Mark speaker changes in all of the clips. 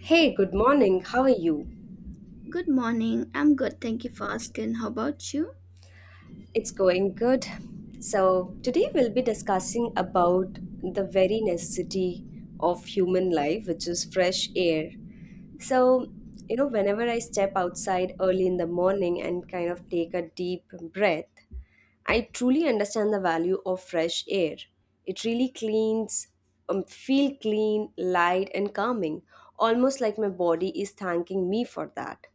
Speaker 1: Hey, good morning. How are you?
Speaker 2: Good morning. I'm good. Thank you for asking. How about you?
Speaker 1: It's going good. So, today we'll be discussing about the very necessity of human life, which is fresh air. So, Whenever I step outside early in the morning and kind of take a deep breath, I truly understand the value of fresh air. It really cleans, feel clean, light, and calming, almost like my body is thanking me for that.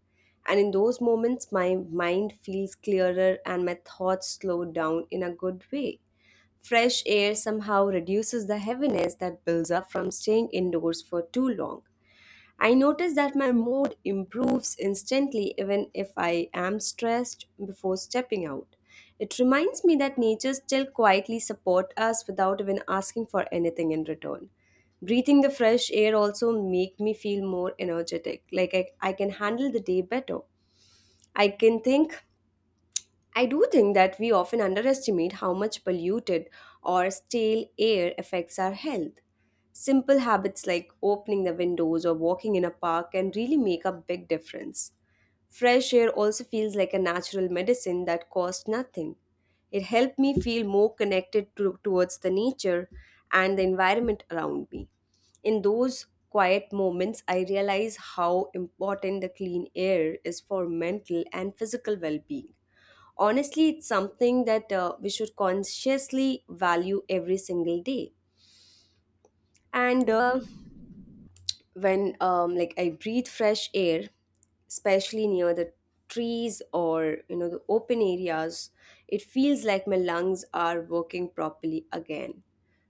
Speaker 1: And in those moments, my mind feels clearer and my thoughts slow down in a good way. Fresh air somehow reduces the heaviness that builds up from staying indoors for too long. I notice that my mood improves instantly even if I am stressed before stepping out. It reminds me that nature still quietly supports us without even asking for anything in return. Breathing the fresh air also make me feel more energetic, like I can handle the day better. I can think I do think that we often underestimate how much polluted or stale air affects our health. Simple habits like opening the windows or walking in a park can really make a big difference. Fresh air also feels like a natural medicine that costs nothing. It helped me feel more connected to, towards the nature and the environment around me. In those quiet moments, I realize how important the clean air is for mental and physical well being. Honestly, it's something that we should consciously value every single day. And when like I breathe fresh air, especially near the trees or the open areas, it feels like my lungs are working properly again.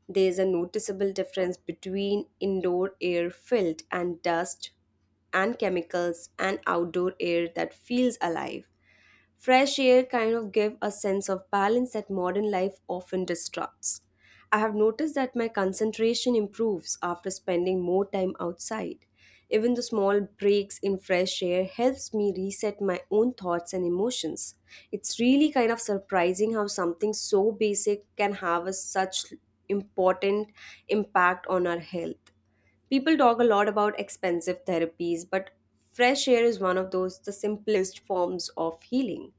Speaker 1: There's a noticeable difference between indoor air filled and dust and chemicals and outdoor air that feels alive. Fresh air kind of give a sense of balance that modern life often disrupts. I have noticed that my concentration improves after spending more time outside. Even the small breaks in fresh air helps me reset my own thoughts and emotions. It's really kind of surprising how something so basic can have a such important impact on our health. People talk a lot about expensive therapies, but fresh air is one of those the simplest forms of healing.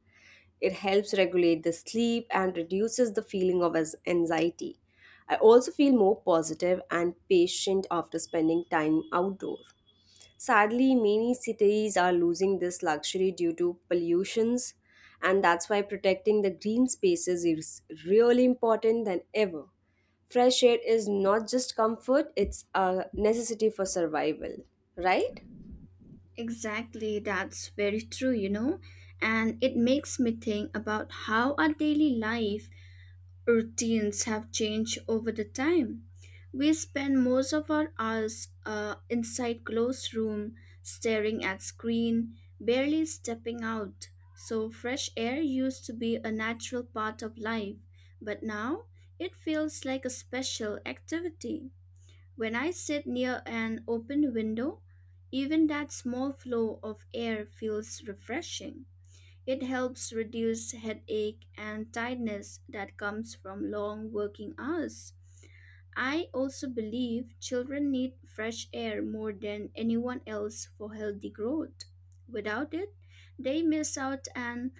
Speaker 1: It helps regulate the sleep and reduces the feeling of anxiety. I also feel more positive and patient after spending time outdoors. Sadly, many cities are losing this luxury due to pollutions, and that's why protecting the green spaces is really important than ever. Fresh air is not just comfort, it's a necessity for survival, right?
Speaker 2: Exactly. That's very true, you know. And it makes me think about how our daily life routines have changed over the time. We spend most of our hours inside closed room, staring at screen, barely stepping out. So fresh air used to be a natural part of life, but now it feels like a special activity. When I sit near an open window, even that small flow of air feels refreshing. It helps reduce headache and tiredness that comes from long working hours. I also believe children need fresh air more than anyone else for healthy growth. Without it, they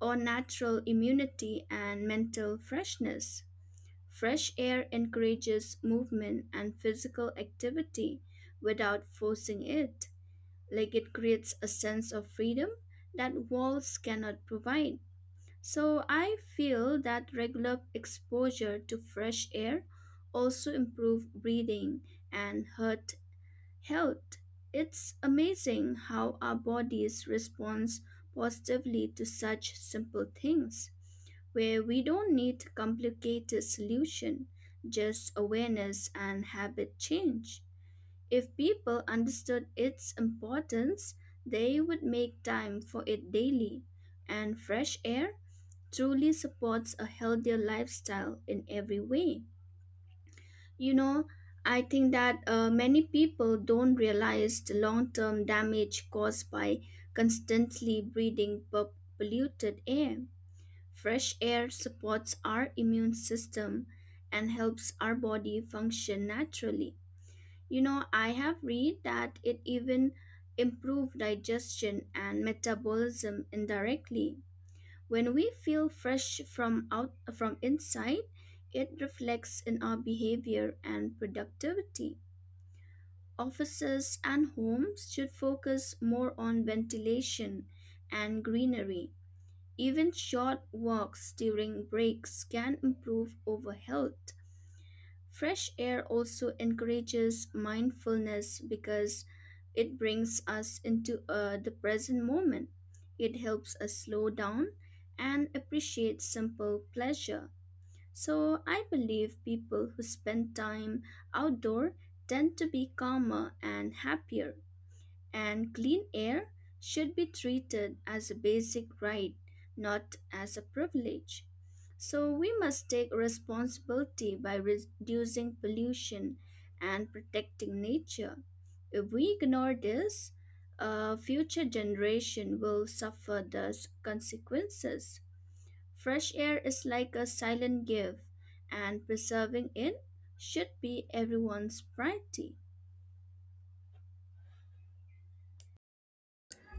Speaker 2: on natural immunity and mental freshness. Fresh air encourages movement and physical activity without forcing it. Like it creates a sense of freedom that walls cannot provide. So I feel that regular exposure to fresh air also improve breathing and heart health. It's amazing how our bodies respond positively to such simple things, where we don't need complicated solution, just awareness and habit change. If people understood its importance, they would make time for it daily, and fresh air truly supports a healthier lifestyle in every way. You know, I think that many people don't realize the long term damage caused by constantly polluted air. Fresh air supports our immune system and helps our body function naturally. You know, I have read that it even improves digestion and metabolism indirectly. When we feel fresh from out from inside, it reflects in our behavior and productivity. Offices and homes should focus more on ventilation and greenery. Even short walks during breaks can improve over health. Fresh air also encourages mindfulness because it brings us into the present moment. It helps us slow down and appreciate simple pleasure. So, I believe people who spend time outdoor tend to be calmer and happier, and clean air should be treated as a basic right, not as a privilege. So we must take responsibility by reducing pollution and protecting nature. If we ignore this, a future generation will consequences. Fresh air is like a silent gift, and preserving it should be everyone's priority.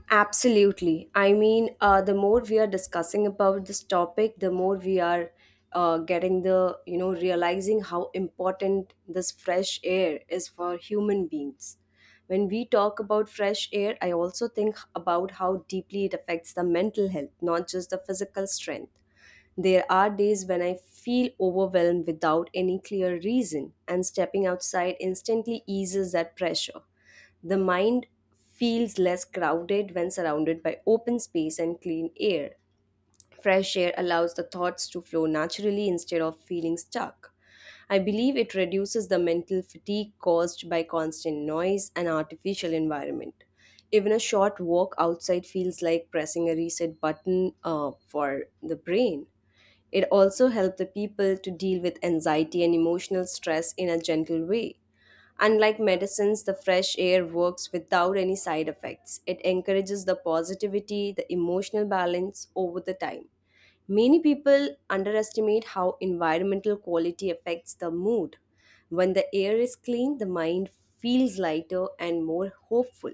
Speaker 1: Absolutely. I mean, the more we are discussing about this topic, the more we are getting realizing how important this fresh air is for human beings. When we talk about fresh air, I also think about how deeply it affects the mental health, not just the physical strength. There are days when I feel overwhelmed without any clear reason, and stepping outside instantly eases that pressure. The mind feels less crowded when surrounded by open space and clean air. Fresh air allows the thoughts to flow naturally instead of feeling stuck. I believe it reduces the mental fatigue caused by constant noise and artificial environment. Even a short walk outside feels like pressing a reset button for the brain. It also helps the people to deal with anxiety and emotional stress in a gentle way. Unlike medicines, the fresh air works without any side effects. It encourages the positivity, the emotional balance over the time. Many people underestimate how environmental quality affects the mood. When the air is clean, the mind feels lighter and more hopeful.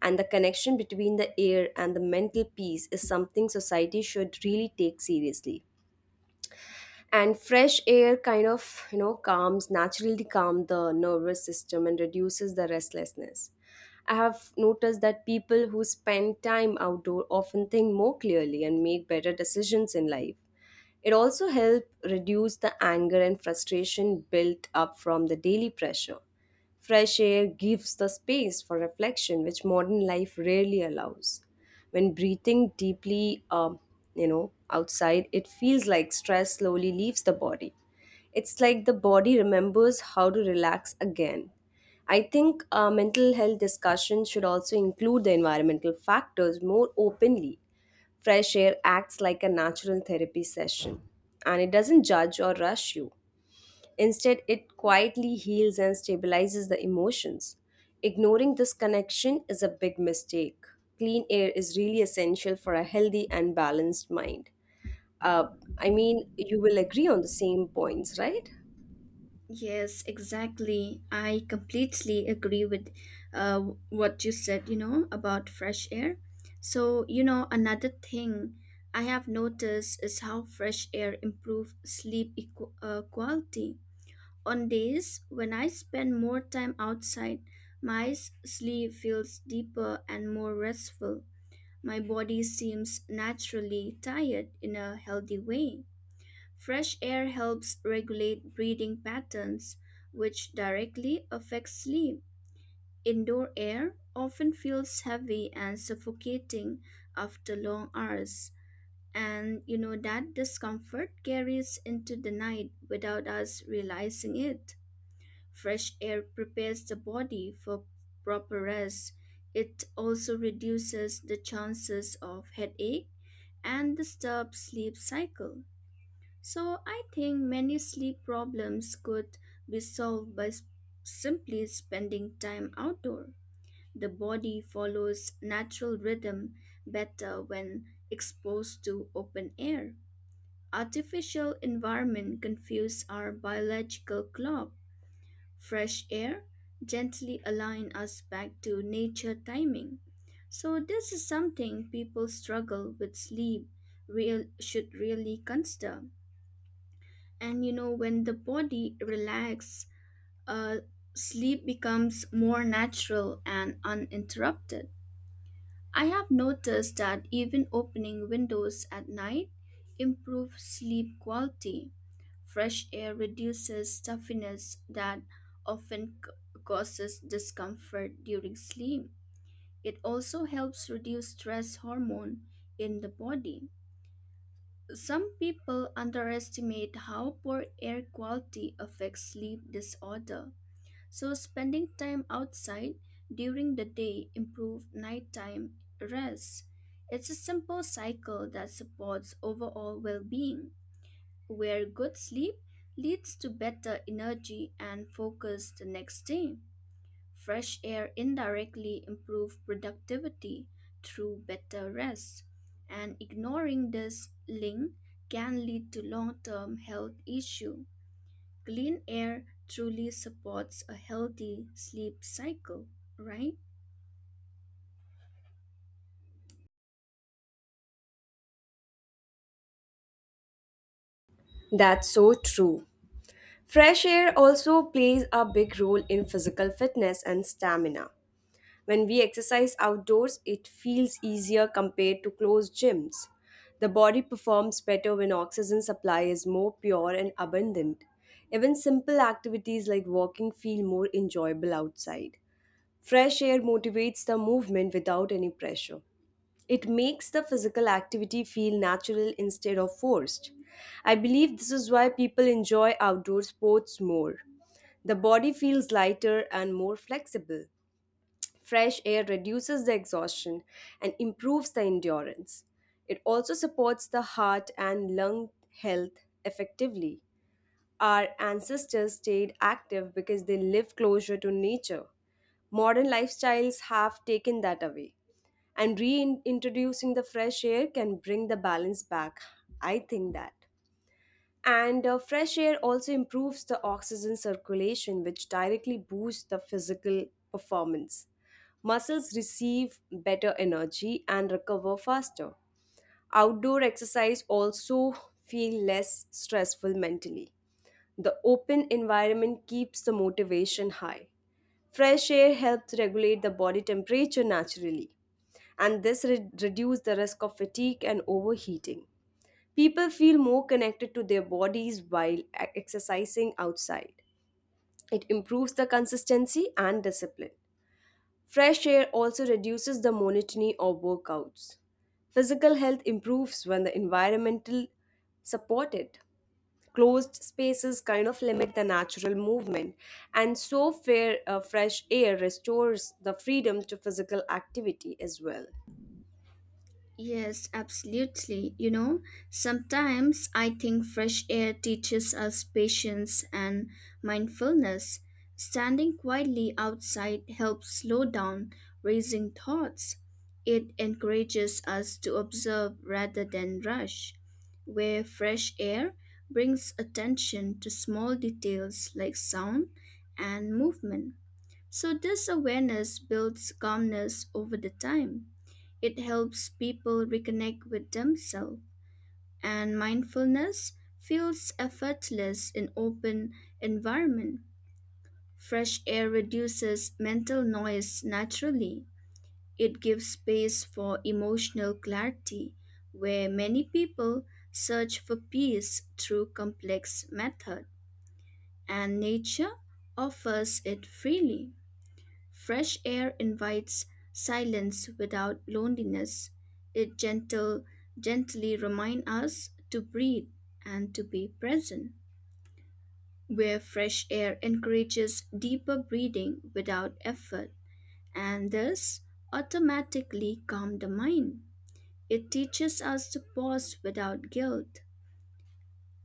Speaker 1: And the connection between the air and the mental peace is something society should really take seriously. And fresh air kind of calm the nervous system and reduces the restlessness. I have noticed that people who spend time outdoor often think more clearly and make better decisions in life. It also helps reduce the anger and frustration built up from the daily pressure. Fresh air gives the space for reflection, which modern life rarely allows. When breathing deeply, outside, it feels like stress slowly leaves the body. It's like the body remembers how to relax again. I think mental health discussion should also include the environmental factors more openly. Fresh air acts like a natural therapy session, and it doesn't judge or rush you. Instead, it quietly heals and stabilizes the emotions. Ignoring this connection is a big mistake. Clean air is really essential for a healthy and balanced mind. Uh, I mean, you will agree on the same points, right?
Speaker 2: Yes, exactly. I completely agree with uh, what you said, you know, about fresh air. So, you know, another thing I have noticed is how fresh air improves sleep quality. On days when I spend more time outside, my sleep feels deeper and more restful. My body seems naturally tired in a healthy way. Fresh air helps regulate breathing patterns, which directly affects sleep. Indoor air often feels heavy and suffocating after long hours, and you know that discomfort carries into the night without us realizing it. Fresh air prepares the body for proper rest. It also reduces the chances of headache and disturbs sleep cycle. So I think many sleep problems could be solved by simply spending time outdoor. The body follows natural rhythm better when exposed to open air. Artificial environment confuse our biological clock. Fresh air gently align us back to nature timing. So this is something people struggle with sleep real should really consider. And you know, when the body relaxes, uh, sleep becomes more natural and uninterrupted. I have noticed that even opening windows at night improves sleep quality. Fresh air reduces stuffiness that often causes discomfort during sleep. It also helps reduce stress hormone in the body. Some people underestimate how poor air quality affects sleep disorder. So, spending time outside during the day improves nighttime rest. It's a simple cycle that supports overall well being, where good sleep leads to better energy and focus the next day. Fresh air indirectly improves productivity through better rest, and ignoring this link can lead to long-term health issues. Clean air truly supports a healthy sleep cycle, right?
Speaker 1: That's so true. Fresh air also plays a big role in physical fitness and stamina. When we exercise outdoors, it feels easier compared to closed gyms. The body performs better when oxygen supply is more pure and abundant. Even simple activities like walking feel more enjoyable outside. Fresh air motivates the movement without any pressure. It makes the physical activity feel natural instead of forced. I believe this is why people enjoy outdoor sports more. The body feels lighter and more flexible. Fresh air reduces the exhaustion and improves the endurance. It also supports the heart and lung health effectively. Our ancestors stayed active because they lived closer to nature. Modern lifestyles have taken that away. And reintroducing the fresh air can bring the balance back. I think that. And fresh air also improves the oxygen circulation, which directly boosts the physical performance. Muscles receive better energy and recover faster. Outdoor exercise also feel less stressful mentally. The open environment keeps the motivation high. Fresh air helps regulate the body temperature naturally, and this reduces the risk of fatigue and overheating. People feel more connected to their bodies while exercising outside. It improves the consistency and discipline. Fresh air also reduces the monotony of workouts. Physical health improves when the environmental supported. Closed spaces kind of limit the natural movement, and fresh air restores the freedom to physical activity as well.
Speaker 2: Yes, absolutely. You know, sometimes I think fresh air teaches us patience and mindfulness. Standing quietly outside helps slow down racing thoughts. It encourages us to observe rather than rush, where fresh air brings attention to small details like sound and movement. So, this awareness builds calmness over the time. It helps people reconnect with themselves, and mindfulness feels effortless in open environment. Fresh air reduces mental noise naturally. It gives space for emotional clarity, where many people search for peace through complex method, and nature offers it freely. Fresh air invites silence without loneliness. It gently reminds us to breathe and to be present. Where fresh air encourages deeper breathing without effort and thus automatically calm the mind. It teaches us to pause without guilt.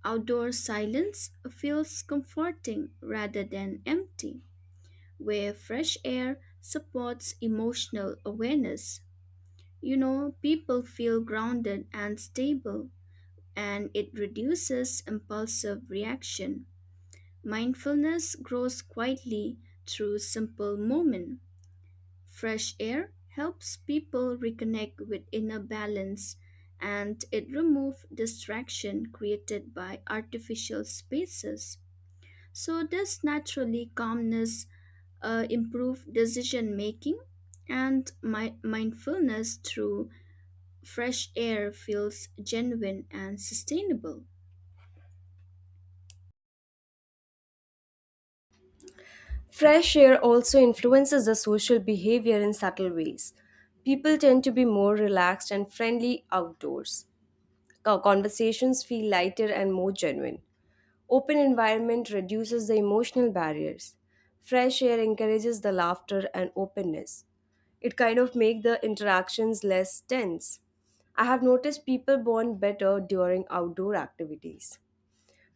Speaker 2: Outdoor silence feels comforting rather than empty, where fresh air supports emotional awareness. You know, people feel grounded and stable, and it reduces impulsive reaction. Mindfulness grows quietly through simple moment. Fresh air helps people reconnect with inner balance and it removes distraction created by artificial spaces. So this naturally calmness improve decision making, and mindfulness through fresh air feels genuine and sustainable.
Speaker 1: Fresh air also influences the social behavior in subtle ways. People tend to be more relaxed and friendly outdoors. Conversations feel lighter and more genuine. Open environment reduces the emotional barriers. Fresh air encourages the laughter and openness. It kind of make the interactions less tense. I have noticed people bond better during outdoor activities.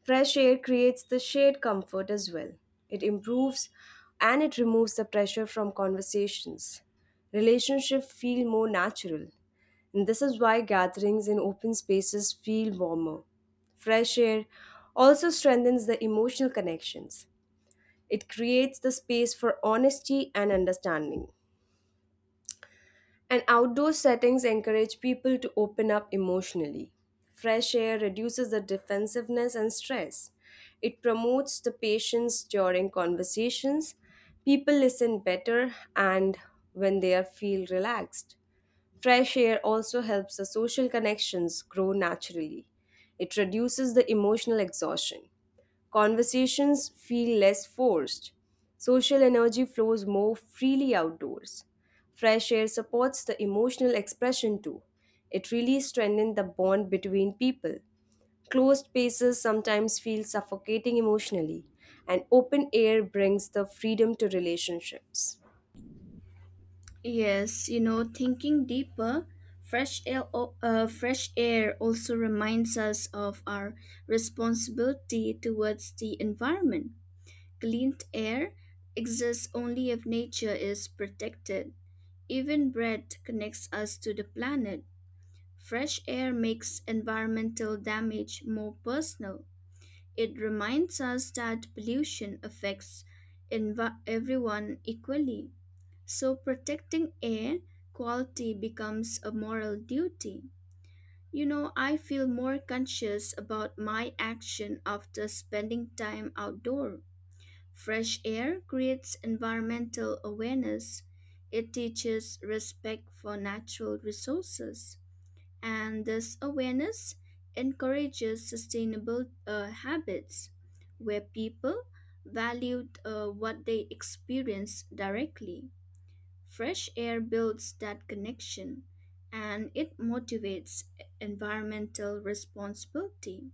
Speaker 1: Fresh air creates the shared comfort as well. It improves and it removes the pressure from conversations. Relationships feel more natural. And this is why gatherings in open spaces feel warmer. Fresh air also strengthens the emotional connections. It creates the space for honesty and understanding. And outdoor settings encourage people to open up emotionally. Fresh air reduces the defensiveness and stress. It promotes the patience during conversations. People listen better and when they are feel relaxed. Fresh air also helps the social connections grow naturally. It reduces the emotional exhaustion. Conversations feel less forced. Social energy flows more freely outdoors. Fresh air supports the emotional expression too. It really strengthens the bond between people. Closed spaces sometimes feel suffocating emotionally, and open air brings the freedom to relationships.
Speaker 2: Yes, you know, thinking deeper, fresh air also reminds us of our responsibility towards the environment. Clean air exists only if nature is protected. Even breath connects us to the planet. Fresh air makes environmental damage more personal. It reminds us that pollution affects everyone equally. So protecting air quality becomes a moral duty. You know, I feel more conscious about my action after spending time outdoor. Fresh air creates environmental awareness. It teaches respect for natural resources, and this awareness encourages sustainable habits, where people valued what they experience directly. Fresh air builds that connection and it motivates environmental responsibility.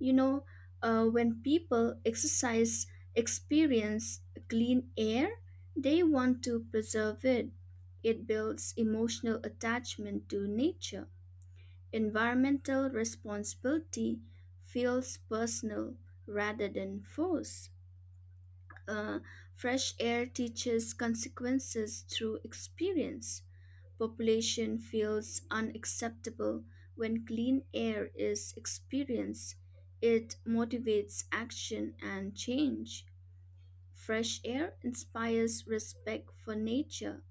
Speaker 2: You know, when people exercise, experience clean air, they want to preserve it. It builds emotional attachment to nature. Environmental responsibility feels personal rather than forced. Uh, Fresh air teaches consequences through experience. Population feels unacceptable when clean air is experienced. It motivates action and change. Fresh air inspires respect for nature,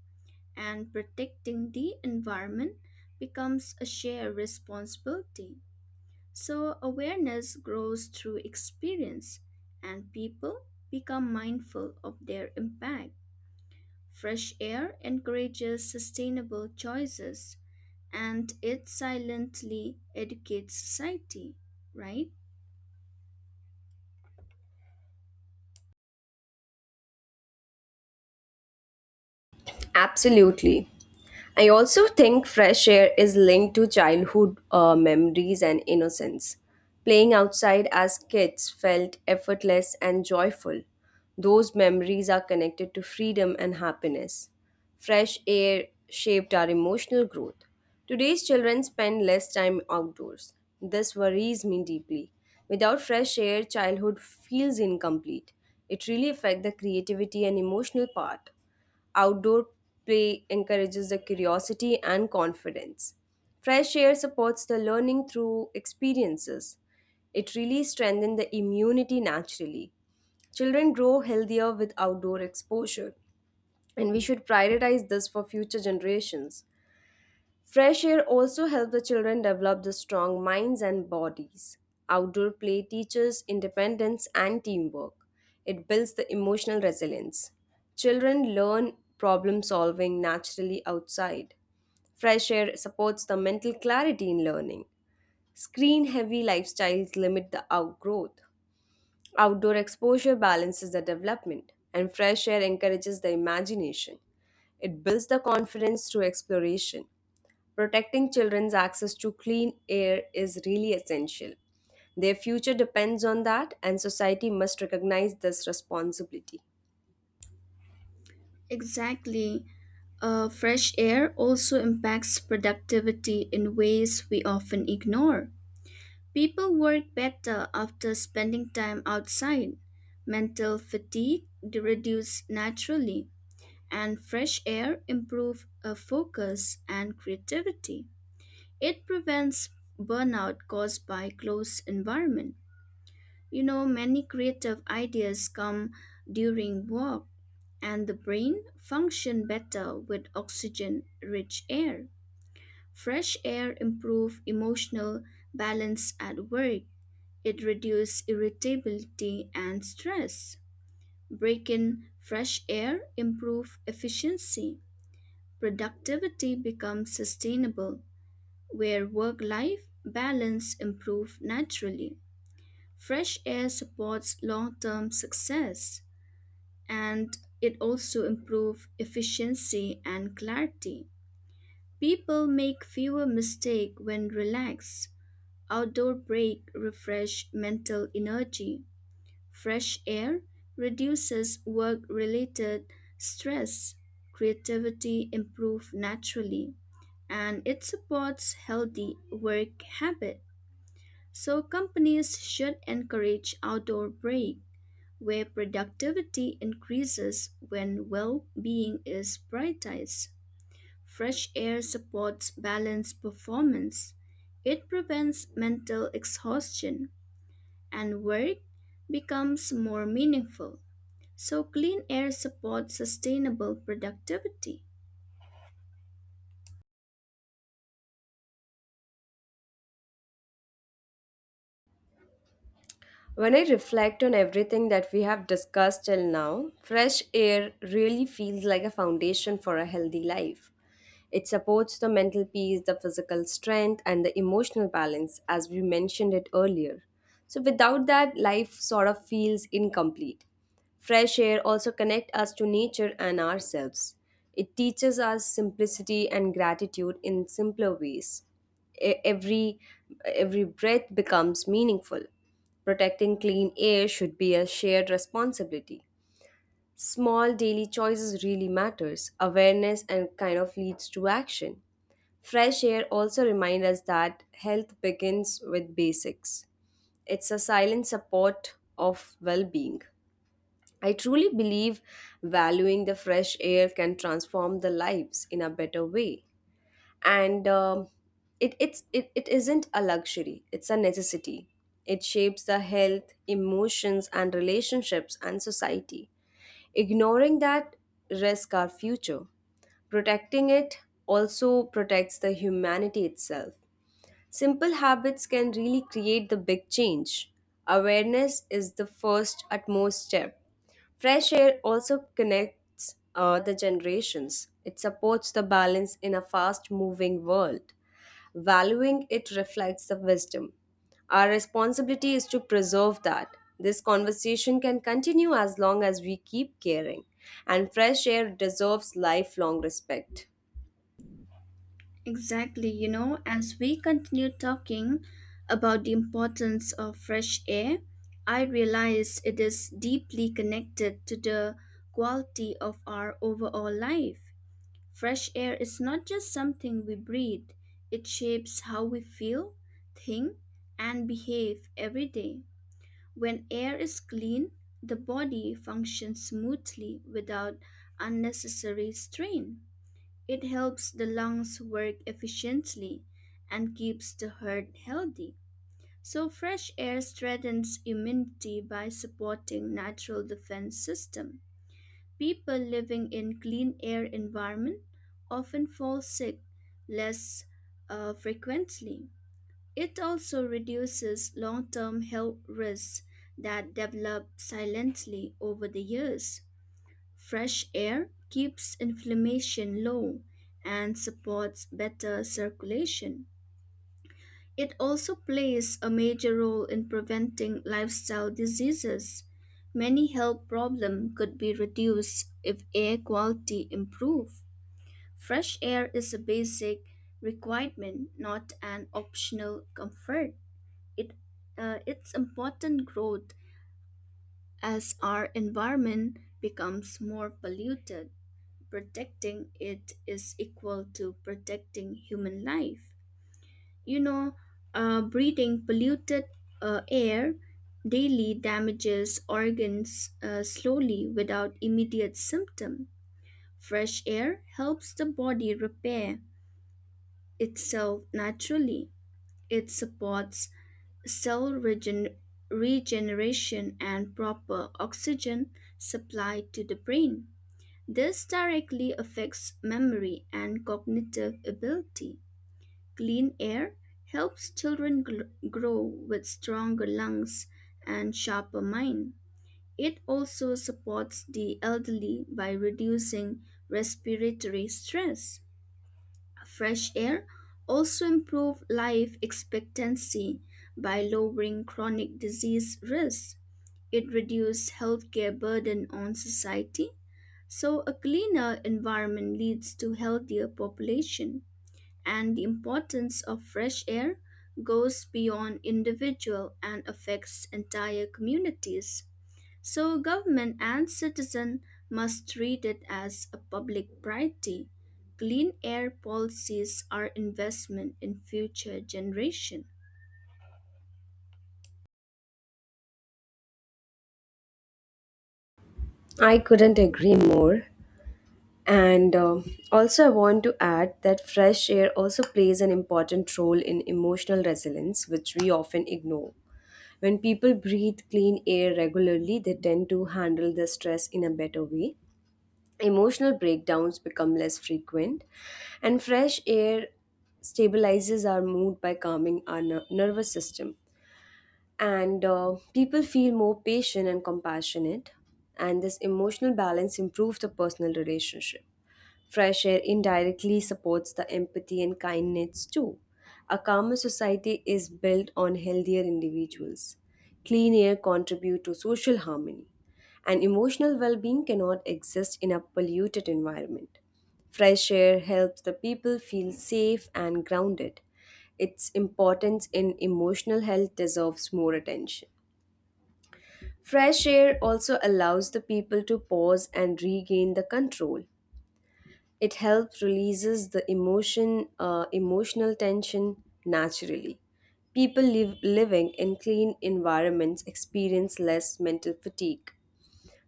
Speaker 2: and protecting the environment becomes a shared responsibility. So, awareness grows through experience, and people become mindful of their impact. Fresh air encourages sustainable choices, and it silently educates society, right?
Speaker 1: Absolutely. I also think fresh air is linked to childhood memories and innocence. Playing outside as kids felt effortless and joyful. Those memories are connected to freedom and happiness. Fresh air shaped our emotional growth. Today's children spend less time outdoors. This worries me deeply. Without fresh air, childhood feels incomplete. It really affects the creativity and emotional part. Outdoor play encourages the curiosity and confidence. Fresh air supports the learning through experiences. It really strengthens the immunity naturally. Children grow healthier with outdoor exposure, and we should prioritize this for future generations. Fresh air also helps the children develop the strong minds and bodies. Outdoor play teaches independence and teamwork. It builds the emotional resilience. Children learn problem solving naturally outside. Fresh air supports the mental clarity in learning. Screen heavy lifestyles limit the outgrowth. Outdoor exposure balances the development, and fresh air encourages the imagination. It builds the confidence through exploration. Protecting children's access to clean air is really essential. Their future depends on that, and society must recognize this responsibility.
Speaker 2: Exactly. Fresh air also impacts productivity in ways we often ignore. People work better after spending time outside. Mental fatigue reduces naturally and fresh air improve focus and creativity. It prevents burnout caused by close environment. You know, many creative ideas come during walk and the brain function better with oxygen rich air. Fresh air improve emotional balance at work. It reduce irritability and stress. Break in fresh air improve efficiency. Productivity becomes sustainable, where work life balance improves naturally. Fresh air supports long term success and it also improves efficiency and clarity. People make fewer mistakes when relaxed. Outdoor break refresh mental energy. Fresh air reduces work related stress, creativity improves naturally, and it supports healthy work habit. So companies should encourage outdoor break where productivity increases when well-being is prioritized. Fresh air supports balanced performance. It prevents mental exhaustion and work becomes more meaningful. So clean air supports sustainable productivity.
Speaker 1: When I reflect on everything that we have discussed till now, fresh air really feels like a foundation for a healthy life. It supports the mental peace, the physical strength, and the emotional balance, as we mentioned it earlier. So, without that, life sort of feels incomplete. Fresh air also connects us to nature and ourselves. It teaches us simplicity and gratitude in simpler ways. E- Every every breath becomes meaningful. Protecting clean air should be a shared responsibility. Small daily choices really matters. Awareness and kind of leads to action. Fresh air also reminds us that health begins with basics. It's a silent support of well-being. I truly believe valuing the fresh air can transform the lives in a better way. And it isn't a luxury, it's a necessity. It shapes the health, emotions and relationships and society. Ignoring that risks our future. Protecting it also protects the humanity itself. Simple habits can really create the big change. Awareness is the first utmost step. Fresh air also connects the generations. It supports the balance in a fast moving world. Valuing it reflects the wisdom. Our responsibility is to preserve that. This conversation can continue as long as we keep caring, and fresh air deserves lifelong respect.
Speaker 2: Exactly, you know, as we continue talking about the importance of fresh air, I realize it is deeply connected to the quality of our overall life. Fresh air is not just something we breathe, it shapes how we feel, think, and behave every day. When air is clean, the body functions smoothly without unnecessary strain. It helps the lungs work efficiently and keeps the heart healthy. So fresh air strengthens immunity by supporting natural defense system. People living in clean air environment often fall sick less frequently. It also reduces long term health risks that develop silently over the years. Fresh air keeps inflammation low and supports better circulation. It also plays a major role in preventing lifestyle diseases. Many health problems could be reduced if air quality improved. Fresh air is a basic requirement, not an optional comfort. It Its important growth as our environment becomes more polluted, protecting it is equal to protecting human life. You know, breathing polluted air daily damages organs slowly without immediate symptom. Fresh air helps the body repair itself naturally. It supports cell regeneration and proper oxygen supply to the brain. This directly affects memory and cognitive ability. Clean air helps children grow with stronger lungs and sharper mind. It also supports the elderly by reducing respiratory stress. Fresh air also improve life expectancy by lowering chronic disease risk. It reduces healthcare burden on society. So a cleaner environment leads to healthier population, and the importance of fresh air goes beyond individual and affects entire communities. So government and citizen must treat it as a public priority. Clean air policies are investment in future generation.
Speaker 1: I couldn't agree more. And also, I want to add that fresh air also plays an important role in emotional resilience, which we often ignore. When people breathe clean air regularly, they tend to handle the stress in a better way. Emotional breakdowns become less frequent, and fresh air stabilizes our mood by calming our nervous system. And people feel more patient and compassionate, and this emotional balance improves the personal relationship. Fresh air indirectly supports the empathy and kindness too. A calmer society is built on healthier individuals. Clean air contributes to social harmony, and emotional well being cannot exist in a polluted environment. Fresh air helps the people feel safe and grounded. Its importance in emotional health deserves more attention. Fresh air also allows the people to pause and regain the control. It helps releases the emotional tension naturally. Living in clean environments experience less mental fatigue.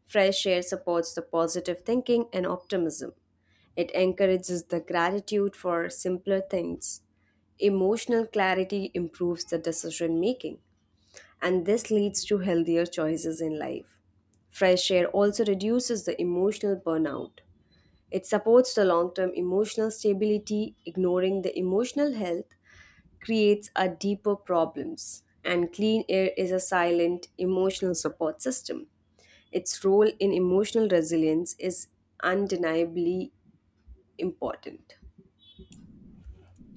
Speaker 1: Fresh air supports the positive thinking and optimism. It encourages the gratitude for simpler things. Emotional clarity improves the decision making, and this leads to healthier choices in life. Fresh air also reduces the emotional burnout. It supports the long term emotional stability, ignoring the emotional health creates a deeper problems. And clean air is a silent emotional support system. Its role in emotional resilience is undeniably important.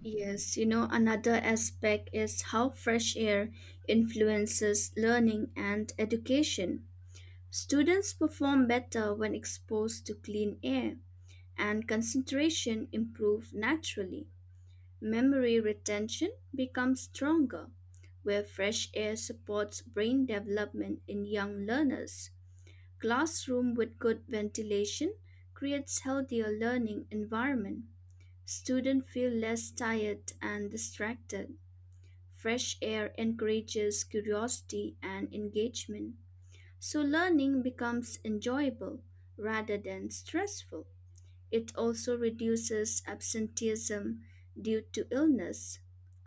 Speaker 2: Yes, you know another aspect is how fresh air influences learning and education. Students perform better when exposed to clean air and concentration improve naturally. Memory retention becomes stronger where fresh air supports brain development in young learners. Classroom with good ventilation creates healthier learning environment. Students feel less tired and distracted. Fresh air encourages curiosity and engagement. So learning becomes enjoyable rather than stressful. It also reduces absenteeism due to illness.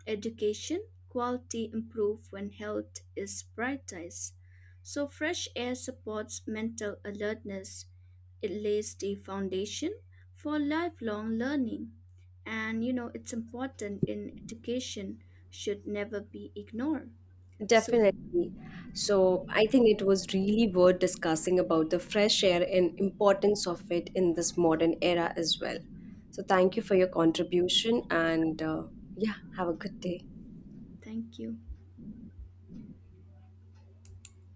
Speaker 2: Education quality improve when health is prioritized. So fresh air supports mental alertness. It lays the foundation for lifelong learning. And you know, it's important in education should never be ignored. So
Speaker 1: Definitely. So I think it was really worth discussing about the fresh air and importance of it in this modern era as well. So thank you for your contribution and yeah, have a good day.
Speaker 2: thank you.